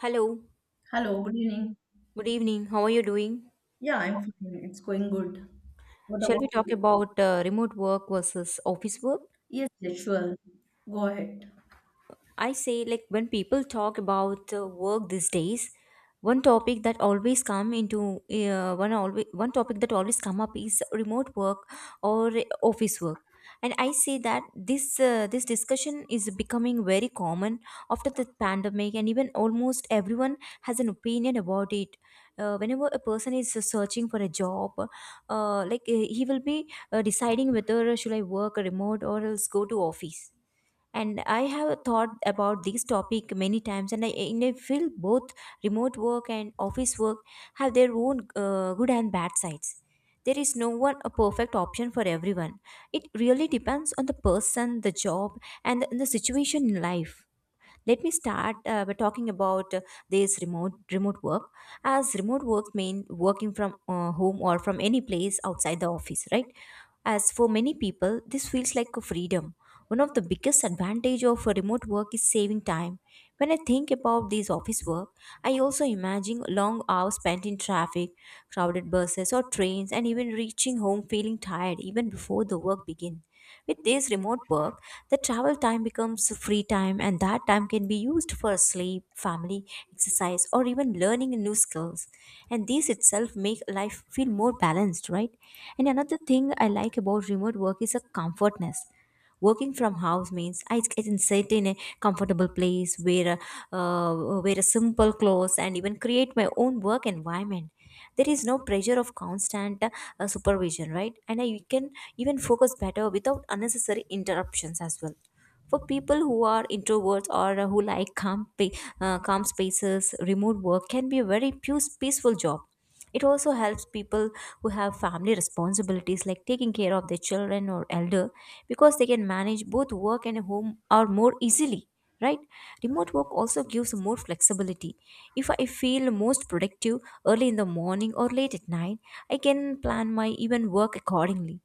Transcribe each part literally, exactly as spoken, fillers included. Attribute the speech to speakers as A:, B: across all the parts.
A: Hello,
B: Hello, good evening.
A: good evening. How are you doing?
B: Yeah, I'm fine. It's going good. What
A: Shall
B: about?
A: we talk about uh, remote work versus office work?
B: Yes, yes, sure. Go ahead.
A: I say like when people talk about uh, work these days, one topic that always come into uh, one always one topic that always come up is remote work or office work. And I say that this uh, this discussion is becoming very common after the pandemic, and even almost everyone has an opinion about it. Uh, whenever a person is searching for a job, uh, like uh, he will be uh, deciding whether should I work remote or else go to office. And i have thought about this topic many times, and i, and I feel both remote work and office work have their own uh, good and bad sides. There is no one a perfect option for everyone. It really depends on the person, the job, and the, the situation in life. Let me start uh, by talking about uh, this remote remote work. As remote work mean working from uh, home or from any place outside the office, right? As for many people, this feels like a freedom. One of the biggest advantage of a remote work is saving time. When I think about this office work, I also imagine long hours spent in traffic, crowded buses or trains, and even reaching home feeling tired even before the work begins. With this remote work, the travel time becomes free time, and that time can be used for sleep, family, exercise, or even learning new skills. And these itself make life feel more balanced, right? And another thing I like about remote work is a comfortness. Working from house means I can sit in a comfortable place, wear a, uh, wear a simple clothes, and even create my own work environment. There is no pressure of constant uh, supervision, right? And I can even focus better without unnecessary interruptions as well. For people who are introverts or uh, who like calm, pa- uh, calm spaces, remote work can be a very pu- peaceful job. It also helps people who have family responsibilities like taking care of their children or elder, because they can manage both work and home or more easily, right? Remote work also gives more flexibility. If I feel most productive early in the morning or late at night, I can plan my even work accordingly.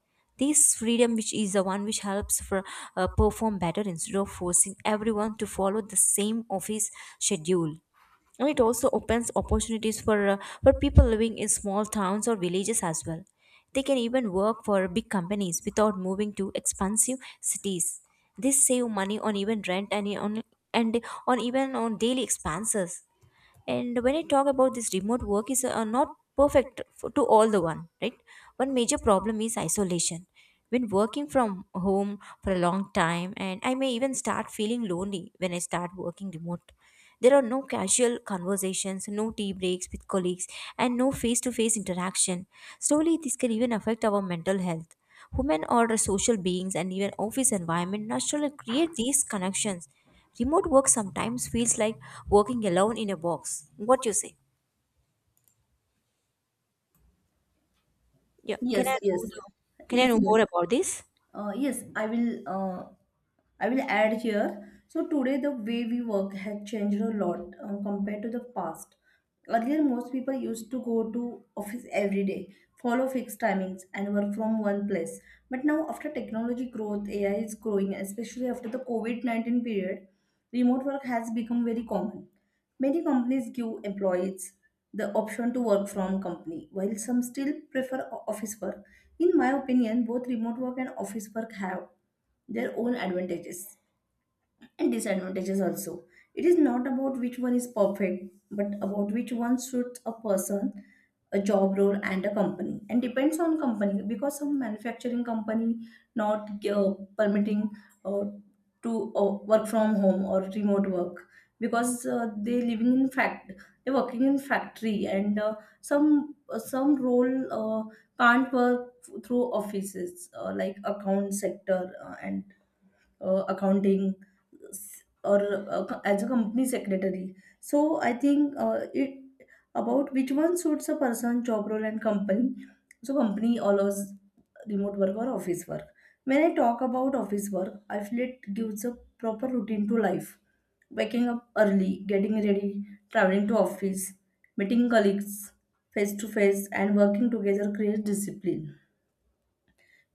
A: This freedom which is the one which helps for uh, perform better instead of forcing everyone to follow the same office schedule. And it also opens opportunities for uh, for people living in small towns or villages as well. They can even work for big companies without moving to expensive cities. This save money on even rent and on and on even on daily expenses. And when I talk about this remote work is uh, not perfect for, to all the one, right? One major problem is isolation. When working from home for a long time, and I may even start feeling lonely when I start working remote. There are no casual conversations, no tea breaks with colleagues, and no face to face interaction. Slowly this can even affect our mental health. Women are social beings, and even office environment naturally create these connections. Remote work sometimes feels like working alone in a box. What you say? Yeah. Can I
B: Yes,
A: know
B: yes,
A: the, Can I
B: yes,
A: know
B: yes.
A: more about this?
B: Uh, yes, I will. Uh, I will add here. So today, the way we work has changed a lot uh, compared to the past. Earlier, most people used to go to office every day, follow fixed timings, and work from one place. But now, after technology growth, A I is growing, especially after the COVID nineteen period, remote work has become very common. Many companies give employees the option to work from company, while some still prefer o- office work. In my opinion, both remote work and office work have their own advantages and disadvantages also. It is not about which one is perfect, but about which one suits a person, a job role, and a company. And depends on company because some manufacturing company not uh, permitting uh, to uh, work from home or remote work because uh, they living in fact they working in factory and uh, some uh, some role uh, can't work through offices uh, like account sector uh, and uh, accounting s- or uh, co- as a company secretary, so I think uh, it about which one suits a person, job role, and company. So company allows remote work or office work. When I talk about office work, I feel it gives a proper routine to life: waking up early, getting ready, traveling to office, meeting colleagues face to face and working together creates discipline.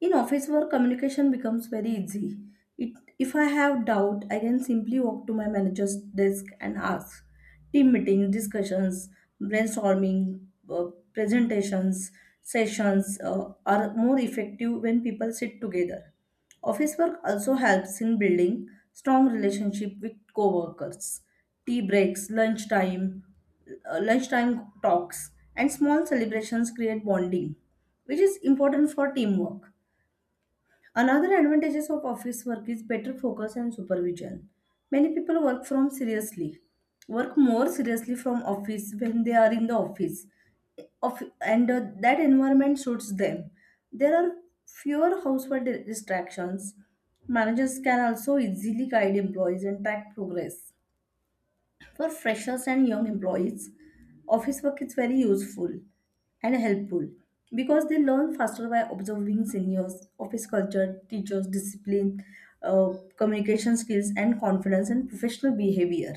B: In office work, communication becomes very easy. It, if I have doubt, I can simply walk to my manager's desk and ask. Team meetings, discussions, brainstorming, uh, presentations, sessions uh, are more effective when people sit together. Office work also helps in building strong relationship with co-workers. Tea breaks, lunchtime, uh, lunchtime talks, and small celebrations create bonding, which is important for teamwork. Another advantages of office work is better focus and supervision. Many people work from seriously, Work more seriously from office when they are in the office, of, and uh, that environment suits them. There are fewer household distractions. Managers can also easily guide employees and track progress. For freshers and young employees, office work is very useful and helpful because they learn faster by observing seniors, office culture, teachers, discipline, uh, communication skills, and confidence and professional behavior.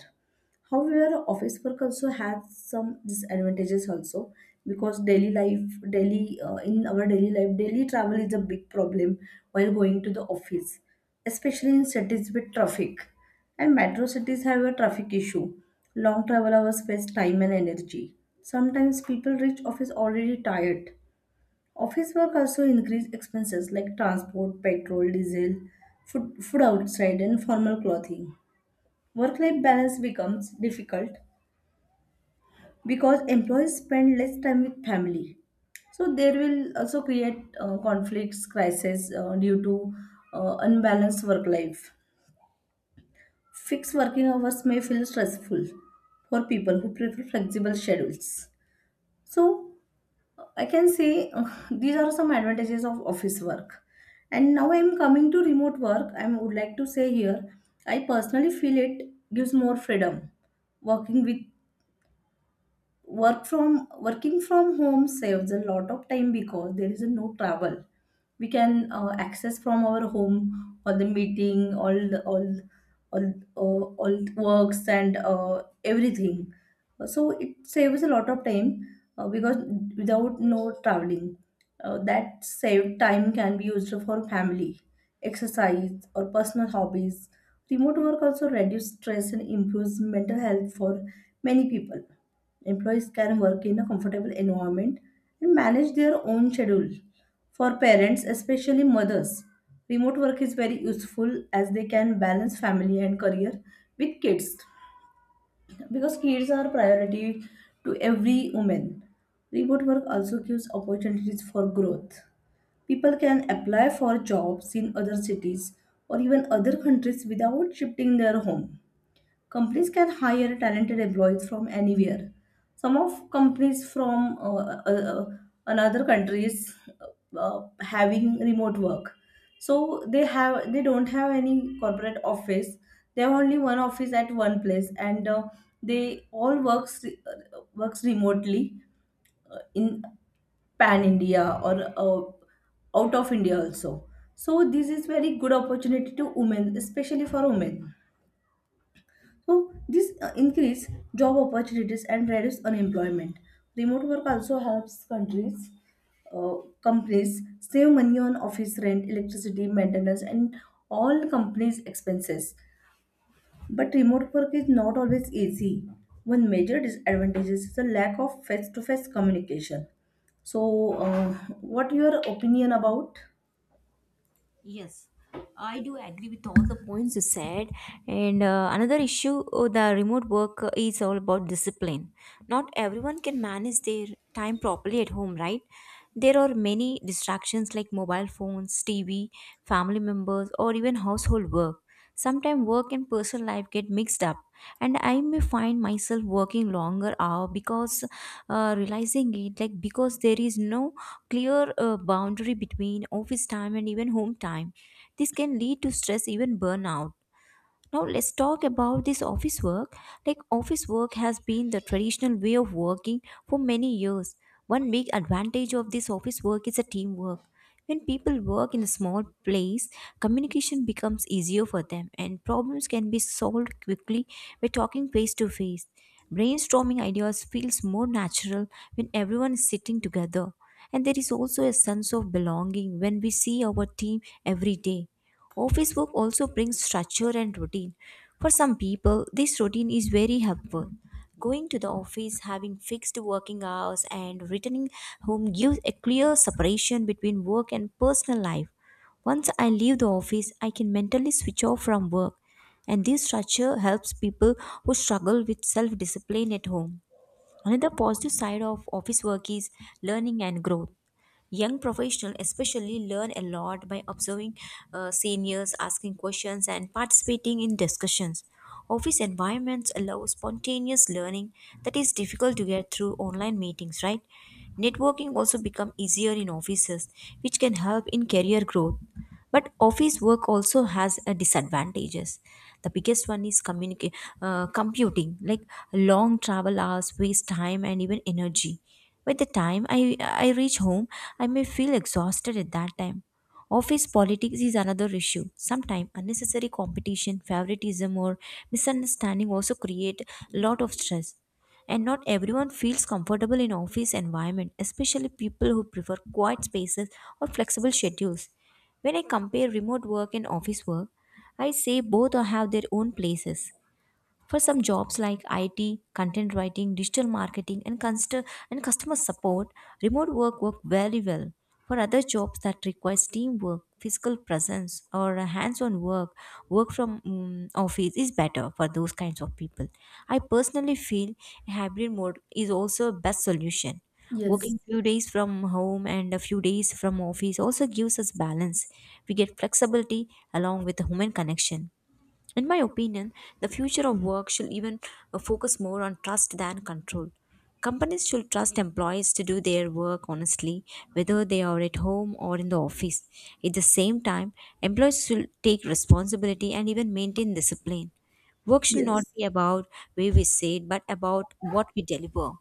B: However, office work also has some disadvantages also because daily life, daily uh, in our daily life, daily travel is a big problem while going to the office, especially in cities with traffic. And metro cities have a traffic issue. Long travel hours waste time and energy. Sometimes people reach office already tired. Office work also increase expenses like transport, petrol, diesel, food, food outside, and formal clothing. Work-life balance becomes difficult because employees spend less time with family. So there will also create uh, conflicts, crises uh, due to uh, unbalanced work life. Fixed working hours may feel stressful for people who prefer flexible schedules. So, I can say uh, these are some advantages of office work. And now I'm coming to remote work. I would like to say here, I personally feel it gives more freedom. working with work from Working from home saves a lot of time because there is no travel. We can uh, access from our home all the meeting all the all all uh, all works and uh, everything. So it saves a lot of time uh, because without no traveling, uh, that saved time can be used for family, exercise or personal hobbies. Remote work also reduces stress and improves mental health for many people. Employees can work in a comfortable environment and manage their own schedule. For parents, especially mothers, remote work is very useful as they can balance family and career with kids, because kids are priority to every woman. Remote work also gives opportunities for growth. People can apply for jobs in other cities or even other countries without shifting their home. Companies can hire talented employees from anywhere. Some of companies from uh, uh, uh, another countries uh, uh, having remote work, so they have they don't have any corporate office. They have only one office at one place and uh, they all works uh, works remotely in pan India or uh, out of India also. So this is very good opportunity to women, especially for women. So this uh, increase job opportunities and reduce unemployment. Remote work also helps countries, uh, companies save money on office rent, electricity, maintenance, and all companies' expenses. But remote work is not always easy. One major disadvantage is the lack of face-to-face communication. So, uh, what your opinion about?
A: Yes, I do agree with all the points you said. And uh, another issue, uh, the remote work uh, is all about discipline. Not everyone can manage their time properly at home, right? There are many distractions like mobile phones, T V, family members, or even household work. Sometimes work and personal life get mixed up, and I may find myself working longer hour because uh, realizing it like because there is no clear uh, boundary between office time and even home time. This can lead to stress, even burnout. Now let's talk about this office work. Like office work has been the traditional way of working for many years. One big advantage of this office work is a teamwork. When people work in a small place, communication becomes easier for them, and problems can be solved quickly by talking face to face. Brainstorming ideas feels more natural when everyone is sitting together. And there is also a sense of belonging when we see our team every day. Office work also brings structure and routine. For some people, this routine is very helpful. Going to the office, having fixed working hours, and returning home gives a clear separation between work and personal life. Once I leave the office, I can mentally switch off from work, and this structure helps people who struggle with self discipline at home. Another positive side of office work is learning and growth. Young professionals especially learn a lot by observing uh, seniors, asking questions, and participating in discussions. Office environments allow spontaneous learning that is difficult to get through online meetings, right? Networking also become easier in offices, which can help in career growth. But office work also has a disadvantages. The biggest one is communica- uh, computing, like long travel hours waste time and even energy. By the time I, I reach home, I may feel exhausted at that time. Office politics is another issue. Sometimes unnecessary competition, favoritism, or misunderstanding also create a lot of stress. And not everyone feels comfortable in office environment, especially people who prefer quiet spaces or flexible schedules. When I compare remote work and office work, I say both have their own places. For some jobs like I T, content writing, digital marketing, and, const- and customer support, remote work work very well. For other jobs that requires teamwork, physical presence, or a hands-on work, work from mm, office is better for those kinds of people. I personally feel a hybrid mode is also a best solution.
B: Yes.
A: Working few days from home and a few days from office also gives us balance. We get flexibility along with the human connection. In my opinion, the future of work should even uh, focus more on trust than control. Companies should trust employees to do their work honestly, whether they are at home or in the office. At the same time, employees should take responsibility and even maintain discipline. Work should not
B: Yes.
A: be about where we say it, but about what we deliver.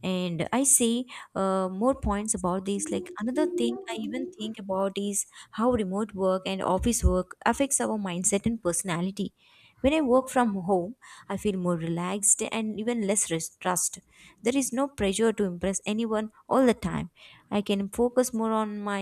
A: And I see uh, more points about this, like another thing I even think about is how remote work and office work affects our mindset and personality. When I work from home, I feel more relaxed and even less res- stressed. There is no pressure to impress anyone all the time. I can focus more on my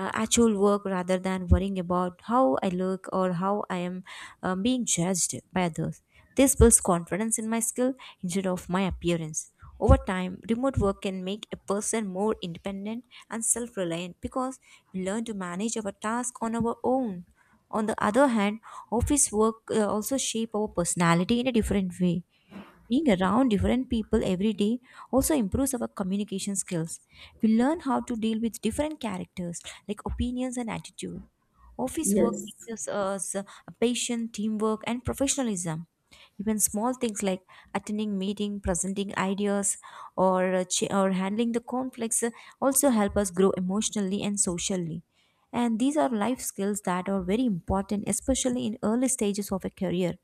A: uh, actual work rather than worrying about how I look or how I am uh, being judged by others. This builds confidence in my skill instead of my appearance. Over time, remote work can make a person more independent and self reliant, because we learn to manage our task on our own. On the other hand, office work uh, also shape our personality in a different way. Being around different people every day also improves our communication skills. We learn how to deal with different characters, like opinions and attitude. Office work
B: Yes.
A: teaches us uh, patience, teamwork, and professionalism. Even small things like attending meeting, presenting ideas, or uh, ch- or handling the conflicts uh, also help us grow emotionally and socially. And these are life skills that are very important, especially in early stages of a career.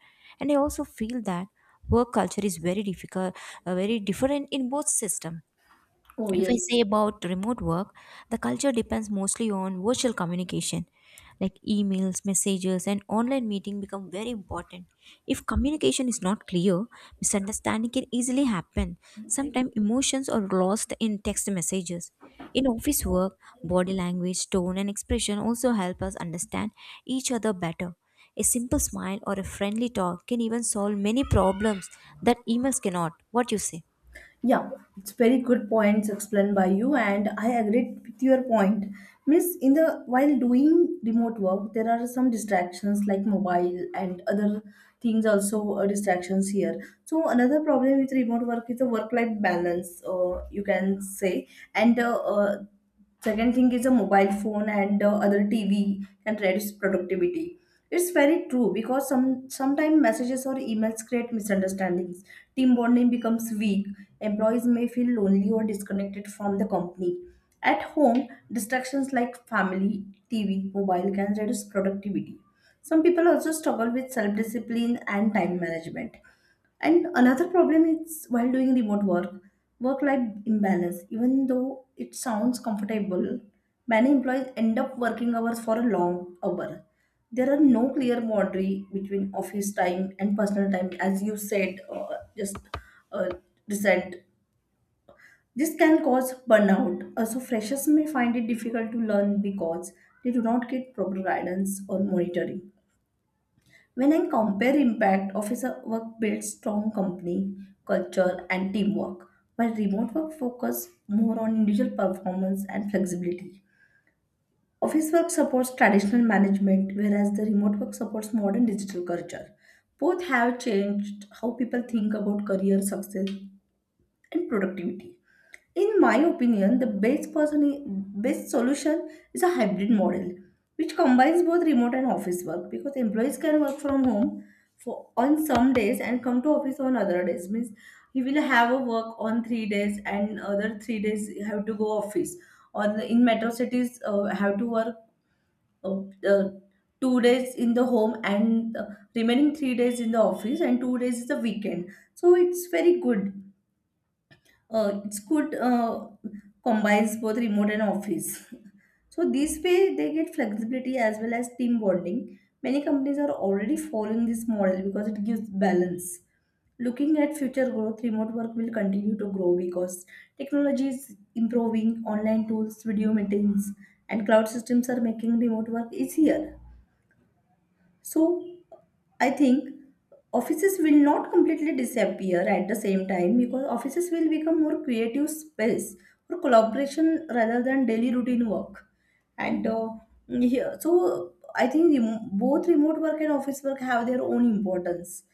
A: And I also feel that work culture is very difficult, uh, very different in both system.
B: Oh,
A: If I
B: yes.
A: say about remote work, the culture depends mostly on virtual communication. Like emails, messages, and online meeting become very important. If communication is not clear, misunderstanding can easily happen. Sometimes emotions are lost in text messages. In office work, body language, tone, and expression also help us understand each other better. A simple smile or a friendly talk can even solve many problems that emails cannot. What you say?
B: Yeah, it's very good points explained by you, and I agreed with your point. Miss, in the while doing remote work, there are some distractions like mobile and other things also, uh, distractions here. So another problem with remote work is the work-life balance, uh, you can say, and uh, uh, second thing is a mobile phone and uh, other T V can reduce productivity. It's very true because some sometimes messages or emails create misunderstandings. Team bonding becomes weak. Employees may feel lonely or disconnected from the company. At home, distractions like family, T V, mobile can reduce productivity. Some people also struggle with self discipline and time management. And another problem is while doing remote work, work life imbalance. Even though it sounds comfortable, many employees end up working hours for a long hour. There are no clear boundary between office time and personal time, as you said, uh, just uh, recent. This can cause burnout. Also, freshers may find it difficult to learn because they do not get proper guidance or monitoring. When I compare impact, office work builds strong company culture and teamwork, while remote work focuses more on individual performance and flexibility. Office work supports traditional management, whereas the remote work supports modern digital culture. Both have changed how people think about career success and productivity. In my opinion, the best person, best solution is a hybrid model, which combines both remote and office work because employees can work from home for on some days and come to office on other days. Means he will have a work on three days and other three days he have to go office. Or in metro cities, uh, have to work uh, uh, two days in the home and uh, remaining three days in the office and two days is the weekend. So it's very good uh, it's good uh, combines both remote and office. So this way they get flexibility as well as team bonding. Many companies are already following this model because it gives balance. Looking at future growth, remote work will continue to grow because technology is improving, online tools, video meetings, and cloud systems are making remote work easier. So I think offices will not completely disappear at the same time because offices will become more creative space for collaboration rather than daily routine work. And uh, here, so I think rem- both remote work and office work have their own importance.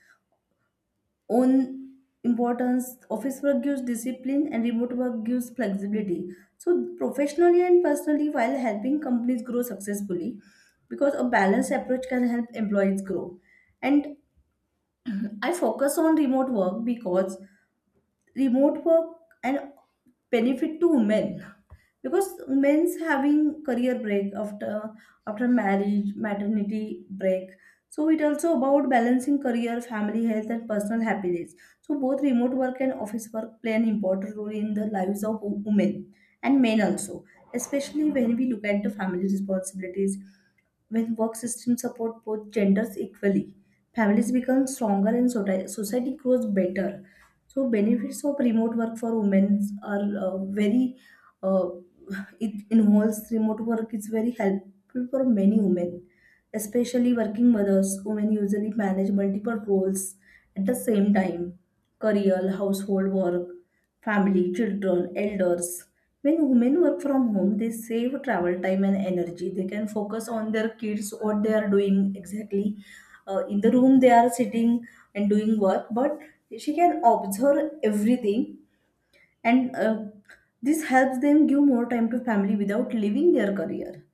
B: Own Importance: office work gives discipline and remote work gives flexibility, so professionally and personally while helping companies grow successfully, because a balanced approach can help employees grow. And I focus on remote work because remote work and benefit to women, because men's having career break after after marriage, maternity break. So it also about balancing career, family, health and personal happiness. So both remote work and office work play an important role in the lives of wo- women and men also, especially when we look at the family responsibilities. When work systems support both genders equally, families become stronger and soti- society grows better. So benefits of remote work for women are uh, very uh, it involves remote work is very helpful for many women, especially working mothers. Women usually manage multiple roles at the same time: career, household work, family, children, elders. When women work from home, they save travel time and energy. They can focus on their kids, what they are doing exactly. Uh, in the room, they are sitting and doing work, but she can observe everything and uh, this helps them give more time to family without leaving their career.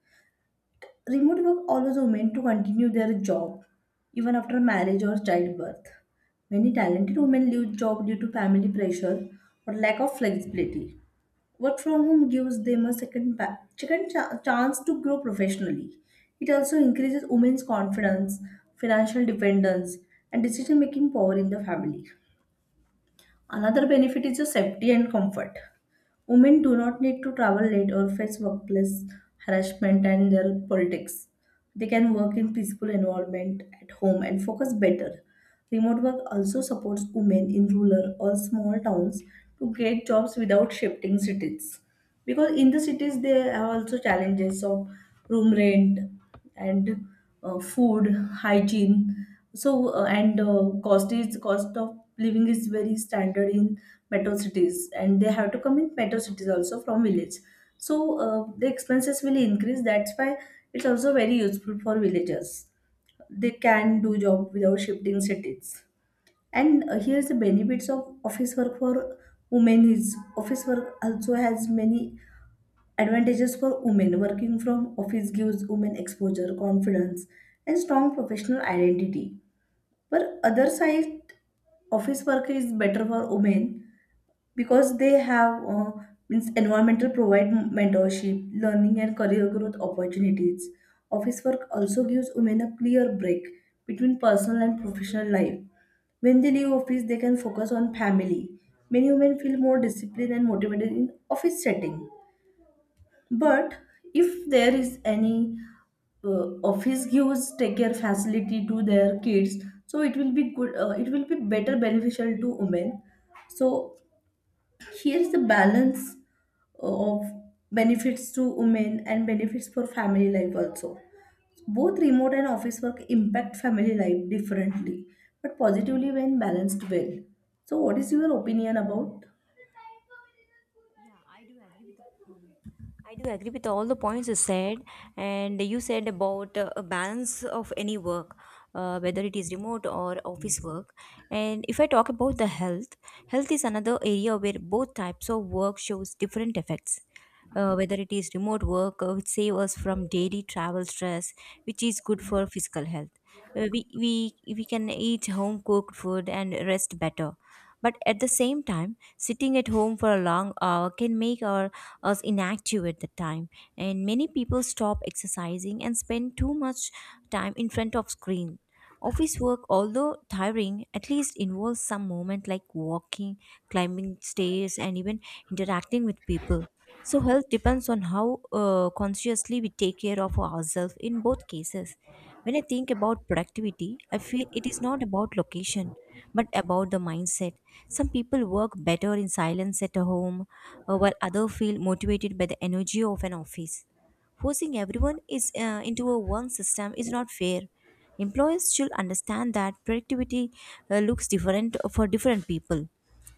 B: Remote work allows women to continue their job even after marriage or childbirth. Many talented women leave job due to family pressure or lack of flexibility. Work from home gives them a second, pa- second cha- chance to grow professionally. It also increases women's confidence, financial dependence, and decision making power in the family. Another benefit is the safety and comfort. Women do not need to travel late or face workplace harassment and their politics. They can work in peaceful environment at home and focus better. Remote work also supports women in rural or small towns to get jobs without shifting cities. Because in the cities there are also challenges of room rent, and uh, food hygiene, so uh, and uh, cost is cost of living is very standard in metro cities and they have to come in metro cities also from village, so uh, the expenses will increase. That's why it's also very useful for villagers. They can do job without shifting cities. And uh, here's the benefits of office work for women is office work also has many advantages. For women working from office gives women exposure, confidence, and strong professional identity. But other side, office work is better for women because they have uh, means environmental provide mentorship, learning, and career growth opportunities. Office work also gives women a clear break between personal and professional life. When they leave office, they can focus on family. Many women feel more disciplined and motivated in office setting. But if there is any uh, office gives daycare facility to their kids, so it will be good. Uh, it will be better beneficial to women. So here is the balance of benefits to women and benefits for family life also. Both remote and office work impact family life differently, but positively when balanced well. So, what is your opinion about?
A: Yeah, I do agree with the, mm, I do agree with all the points you said, and you said about uh, a balance of any work, uh, whether it is remote or office work. And if I talk about the health, health is another area where both types of work shows different effects. Uh, whether it is remote work, uh, which save us from daily travel stress, which is good for physical health. Uh, we, we, we can eat home cooked food and rest better. But at the same time, sitting at home for a long hour can make our, us inactive at the time, and many people stop exercising and spend too much time in front of screen. Office work, although tiring, at least involves some moment like walking, climbing stairs, and even interacting with people. So, health depends on how uh, consciously we take care of ourselves in both cases. When I think about productivity, I feel it is not about location, but about the mindset. Some people work better in silence at home, uh, while others feel motivated by the energy of an office. Forcing everyone is uh, into a one system is not fair. Employers should understand that productivity uh, looks different for different people.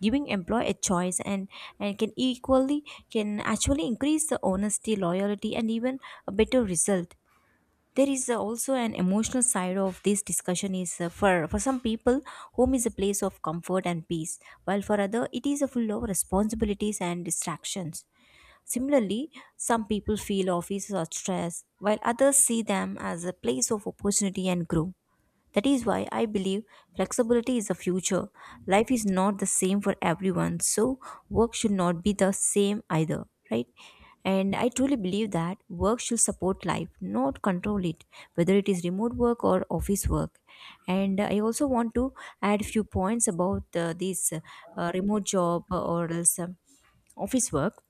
A: Giving employee a choice and, and can equally can actually increase the honesty, loyalty, and even a better result. There is uh, also an emotional side of this discussion is uh, for for some people home is a place of comfort and peace, while for other it is a full of responsibilities and distractions. Similarly, some people feel offices are stress, while others see them as a place of opportunity and growth. That is why I believe flexibility is the future. Life is not the same for everyone, so work should not be the same either, right? And I truly believe that work should support life, not control it, whether it is remote work or office work. And I also want to add few points about uh, this uh, remote job or else um, office work.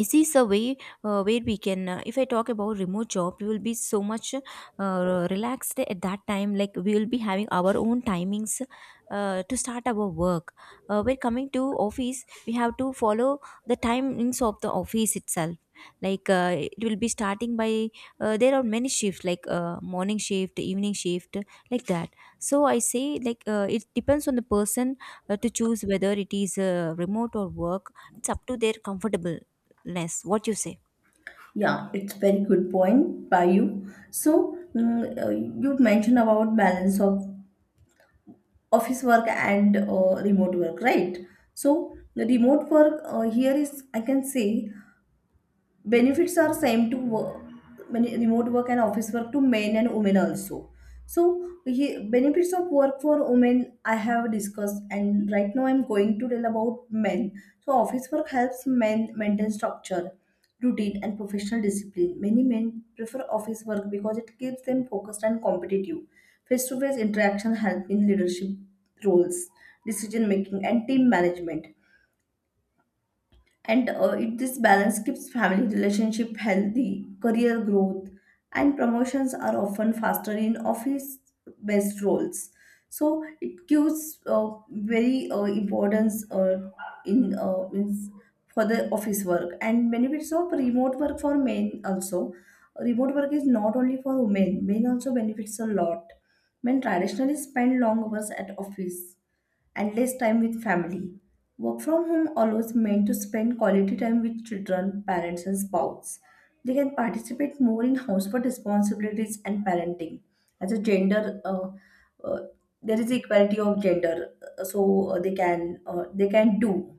A: Is this a way uh, where we can uh, if I talk about remote job, we will be so much uh, relaxed at that time, like we will be having our own timings uh, to start our work. Uh, we're coming to office, we have to follow the timings of the office itself, like uh, it will be starting by uh, there are many shifts, like uh, morning shift, evening shift, like that. So I say, like uh, it depends on the person uh, to choose whether it is uh, remote or work, it's up to their comfortable less. What you say?
B: Yeah, it's very good point by you. So, mm, uh, you mentioned about balance of office work and uh, remote work, right? So, the remote work uh, here is, I can say, benefits are same to work, many remote work and office work to men and women also. So he, benefits of work for women I have discussed, and right now I'm going to tell about men. So office work helps men maintain structure, routine, and professional discipline. Many men prefer office work because it keeps them focused and competitive. Face-to-face interaction help in leadership roles, decision making, and team management. And uh, it, this balance keeps family relationship healthy. Career growth and promotions are often faster in office based roles. So it gives uh, very uh, importance uh, in uh, means for the office work. And benefits of remote work for men also, remote work is not only for women, men also benefits a lot. Men traditionally spend long hours at office and less time with family. Work from home allows men to spend quality time with children, parents, and spouse. They can participate more in household responsibilities and parenting. As a gender, uh, uh, there is equality of gender, uh, so uh, they can, uh, they can do.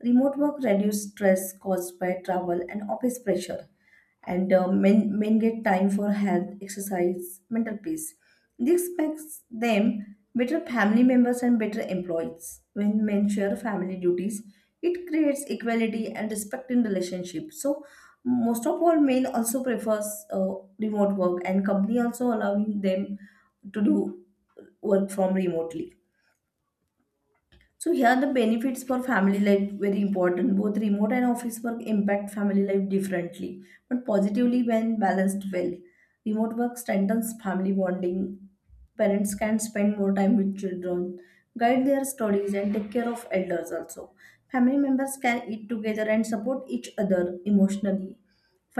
B: Remote work reduces stress caused by travel and office pressure, and uh, men, men get time for health, exercise, mental peace. This makes them better family members and better employees. When men share family duties, it creates equality and respect in relationship. So most of all, men also prefers uh, remote work, and company also allowing them to do work from remotely. So here the benefits for family life very important. Both remote and office work impact family life differently, but positively when balanced well. Remote work strengthens family bonding. Parents can spend more time with children, guide their studies, and take care of elders also. Family members can eat together and support each other emotionally.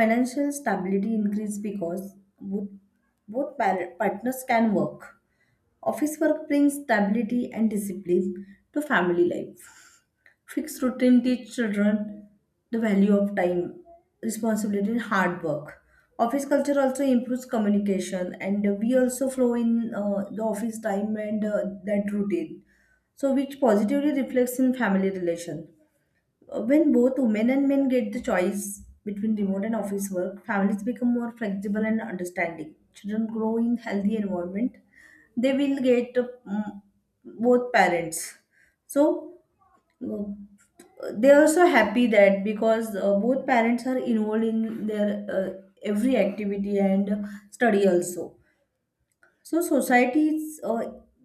B: Financial stability increases because both, both par- partners can work. Office work brings stability and discipline to family life. Fixed routine teach children the value of time, responsibility, and hard work. Office culture also improves communication, and we also flow in uh, the office time and uh, that routine. So, which positively reflects in family relation. Uh, When both women and men get the choice between remote and office work, families become more flexible and understanding. Children grow in healthy environment. They will get uh, mm, both parents. So uh, they are so happy that because uh, both parents are involved in their uh, every activity and study also. So society's uh,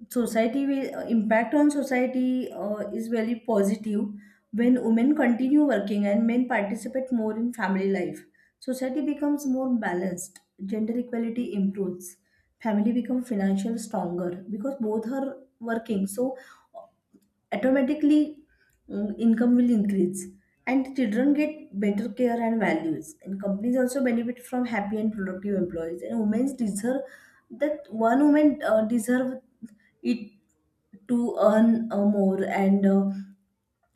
B: society will uh, impact on society uh, is very positive when women continue working and men participate more in family life. Society becomes more balanced. Gender equality improves. Family become financial stronger because both are working. So automatically, mm, income will increase, and children get better care and values, and companies also benefit from happy and productive employees. And women deserve that, one woman uh, deserve it to earn uh, more, and uh,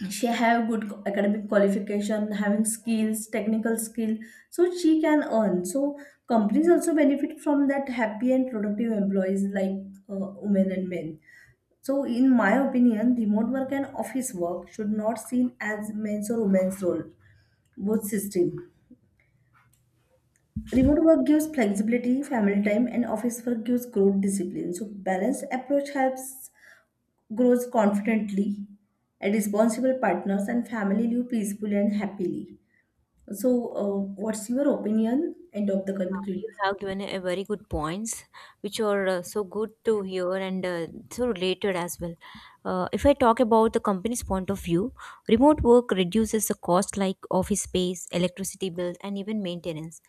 B: she have good academic qualification, having skills, technical skill, so she can earn. So companies also benefit from that happy and productive employees, like uh, women and men. So, in my opinion, remote work and office work should not seen as men's or women's role, both system. Remote work gives flexibility, family time, and office work gives growth discipline. So, balanced approach helps grows confidently, and responsible partners, and family live peacefully and happily. So, uh, what's your opinion? End of the conclusion.
A: You have given a very good points which are uh, so good to hear, and uh, so related as well. Uh, if I talk about the company's point of view, remote work reduces the cost, like office space, electricity bills, and even maintenance.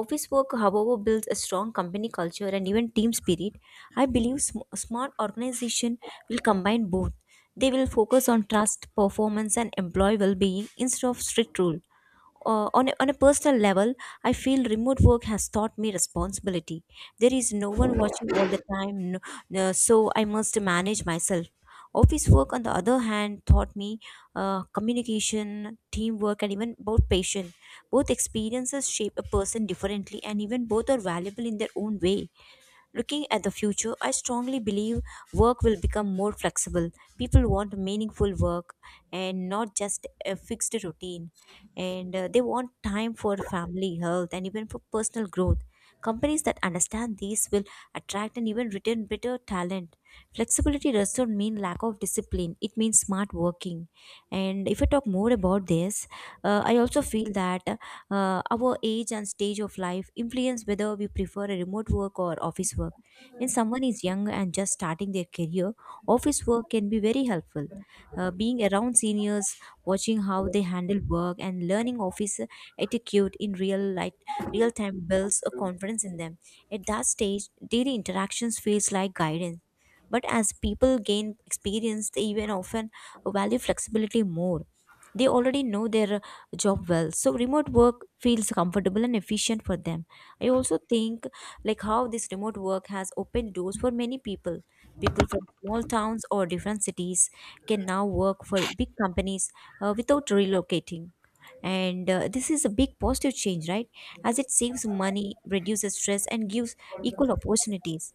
A: Office work, however, builds a strong company culture and even team spirit. I believe sm- smart organization will combine both. They will focus on trust, performance, and employee well-being instead of strict rules. Uh, on, a, on a personal level, I feel remote work has taught me responsibility. There is no one watching all the time, no, no- so I must manage myself. Office work, on the other hand, taught me uh, communication, teamwork, and even about patience. Both experiences shape a person differently, and even both are valuable in their own way. Looking at the future, I strongly believe work will become more flexible. People want meaningful work and not just a fixed routine. And uh, they want time for family, health, and even for personal growth. Companies that understand these will attract and even retain better talent. Flexibility does not mean lack of discipline, it means smart working. And if I talk more about this, uh, I also feel that uh, our age and stage of life influence whether we prefer a remote work or office work. When someone is young and just starting their career, office work can be very helpful. Uh, being around seniors, watching how they handle work, and learning office etiquette in real life, real time builds a confidence in them. At that stage, daily interactions feels like guidance. But as people gain experience, they even often value flexibility more. They already know their job well, so remote work feels comfortable and efficient for them. I also think, like, how this remote work has opened doors for many people. People from small towns or different cities can now work for big companies uh, without relocating. And uh, this is a big positive change, right? As it saves money, reduces stress, and gives equal opportunities.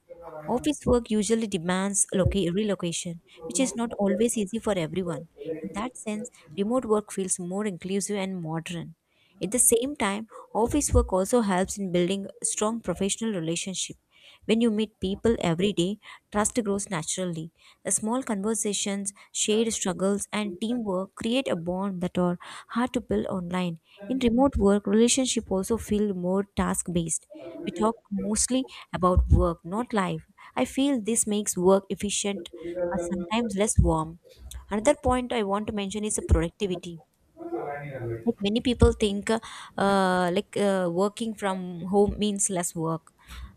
A: Office work usually demands loca- relocation, which is not always easy for everyone. In that sense, remote work feels more inclusive and modern. At the same time, office work also helps in building strong professional relationship. When you meet people every day, trust grows naturally. The small conversations, shared struggles, and teamwork create a bond that are hard to build online. In remote work, relationship also feel more task based. We talk mostly about work, not life. I feel this makes work efficient but sometimes less warm. Another point I want to mention is productivity. Like many people think uh, uh, like uh, working from home means less work,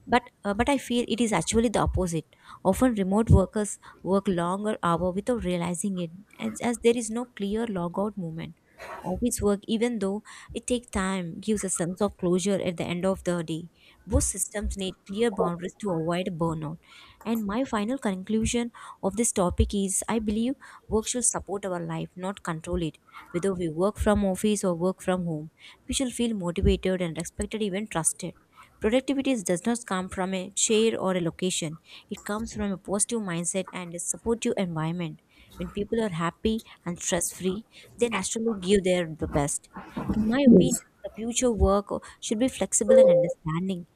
A: but uh, but I feel it is actually the opposite. Often remote workers work longer hour without realizing it, as, as there is no clear logout moment. Office work, even though it takes time, gives a sense of closure at the end of the day. Both systems need clear boundaries to avoid burnout. And my final conclusion of this topic is, I believe work should support our life, not control it. Whether we work from office or work from home, we shall feel motivated and respected, even trusted. Productivity does not come from a chair or a location. It comes from a positive mindset and a supportive environment. When people are happy and stress free, they naturally give their the best. In my opinion,
B: Yes.
A: the future work should be flexible and understanding.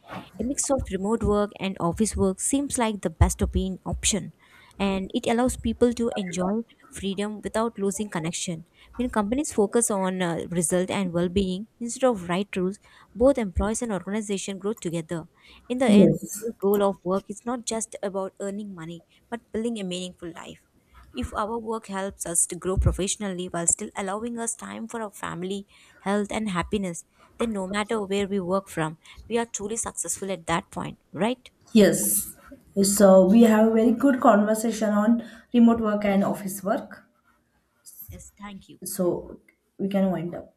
A: A mix of remote work and office work seems like the best opin- option, and it allows people to enjoy freedom without losing connection. When companies focus on uh, result and well being instead of right rules, both employees and organization grow together. In the end,
B: Yes.
A: the goal of work is not just about earning money, but building a meaningful life. If our work helps us to grow professionally while still allowing us time for our family, health, and happiness, then no matter where we work from, we are truly successful at that point, right?
B: Yes. So we have a very good conversation on remote work and office work.
A: Yes, thank you.
B: So we can wind up.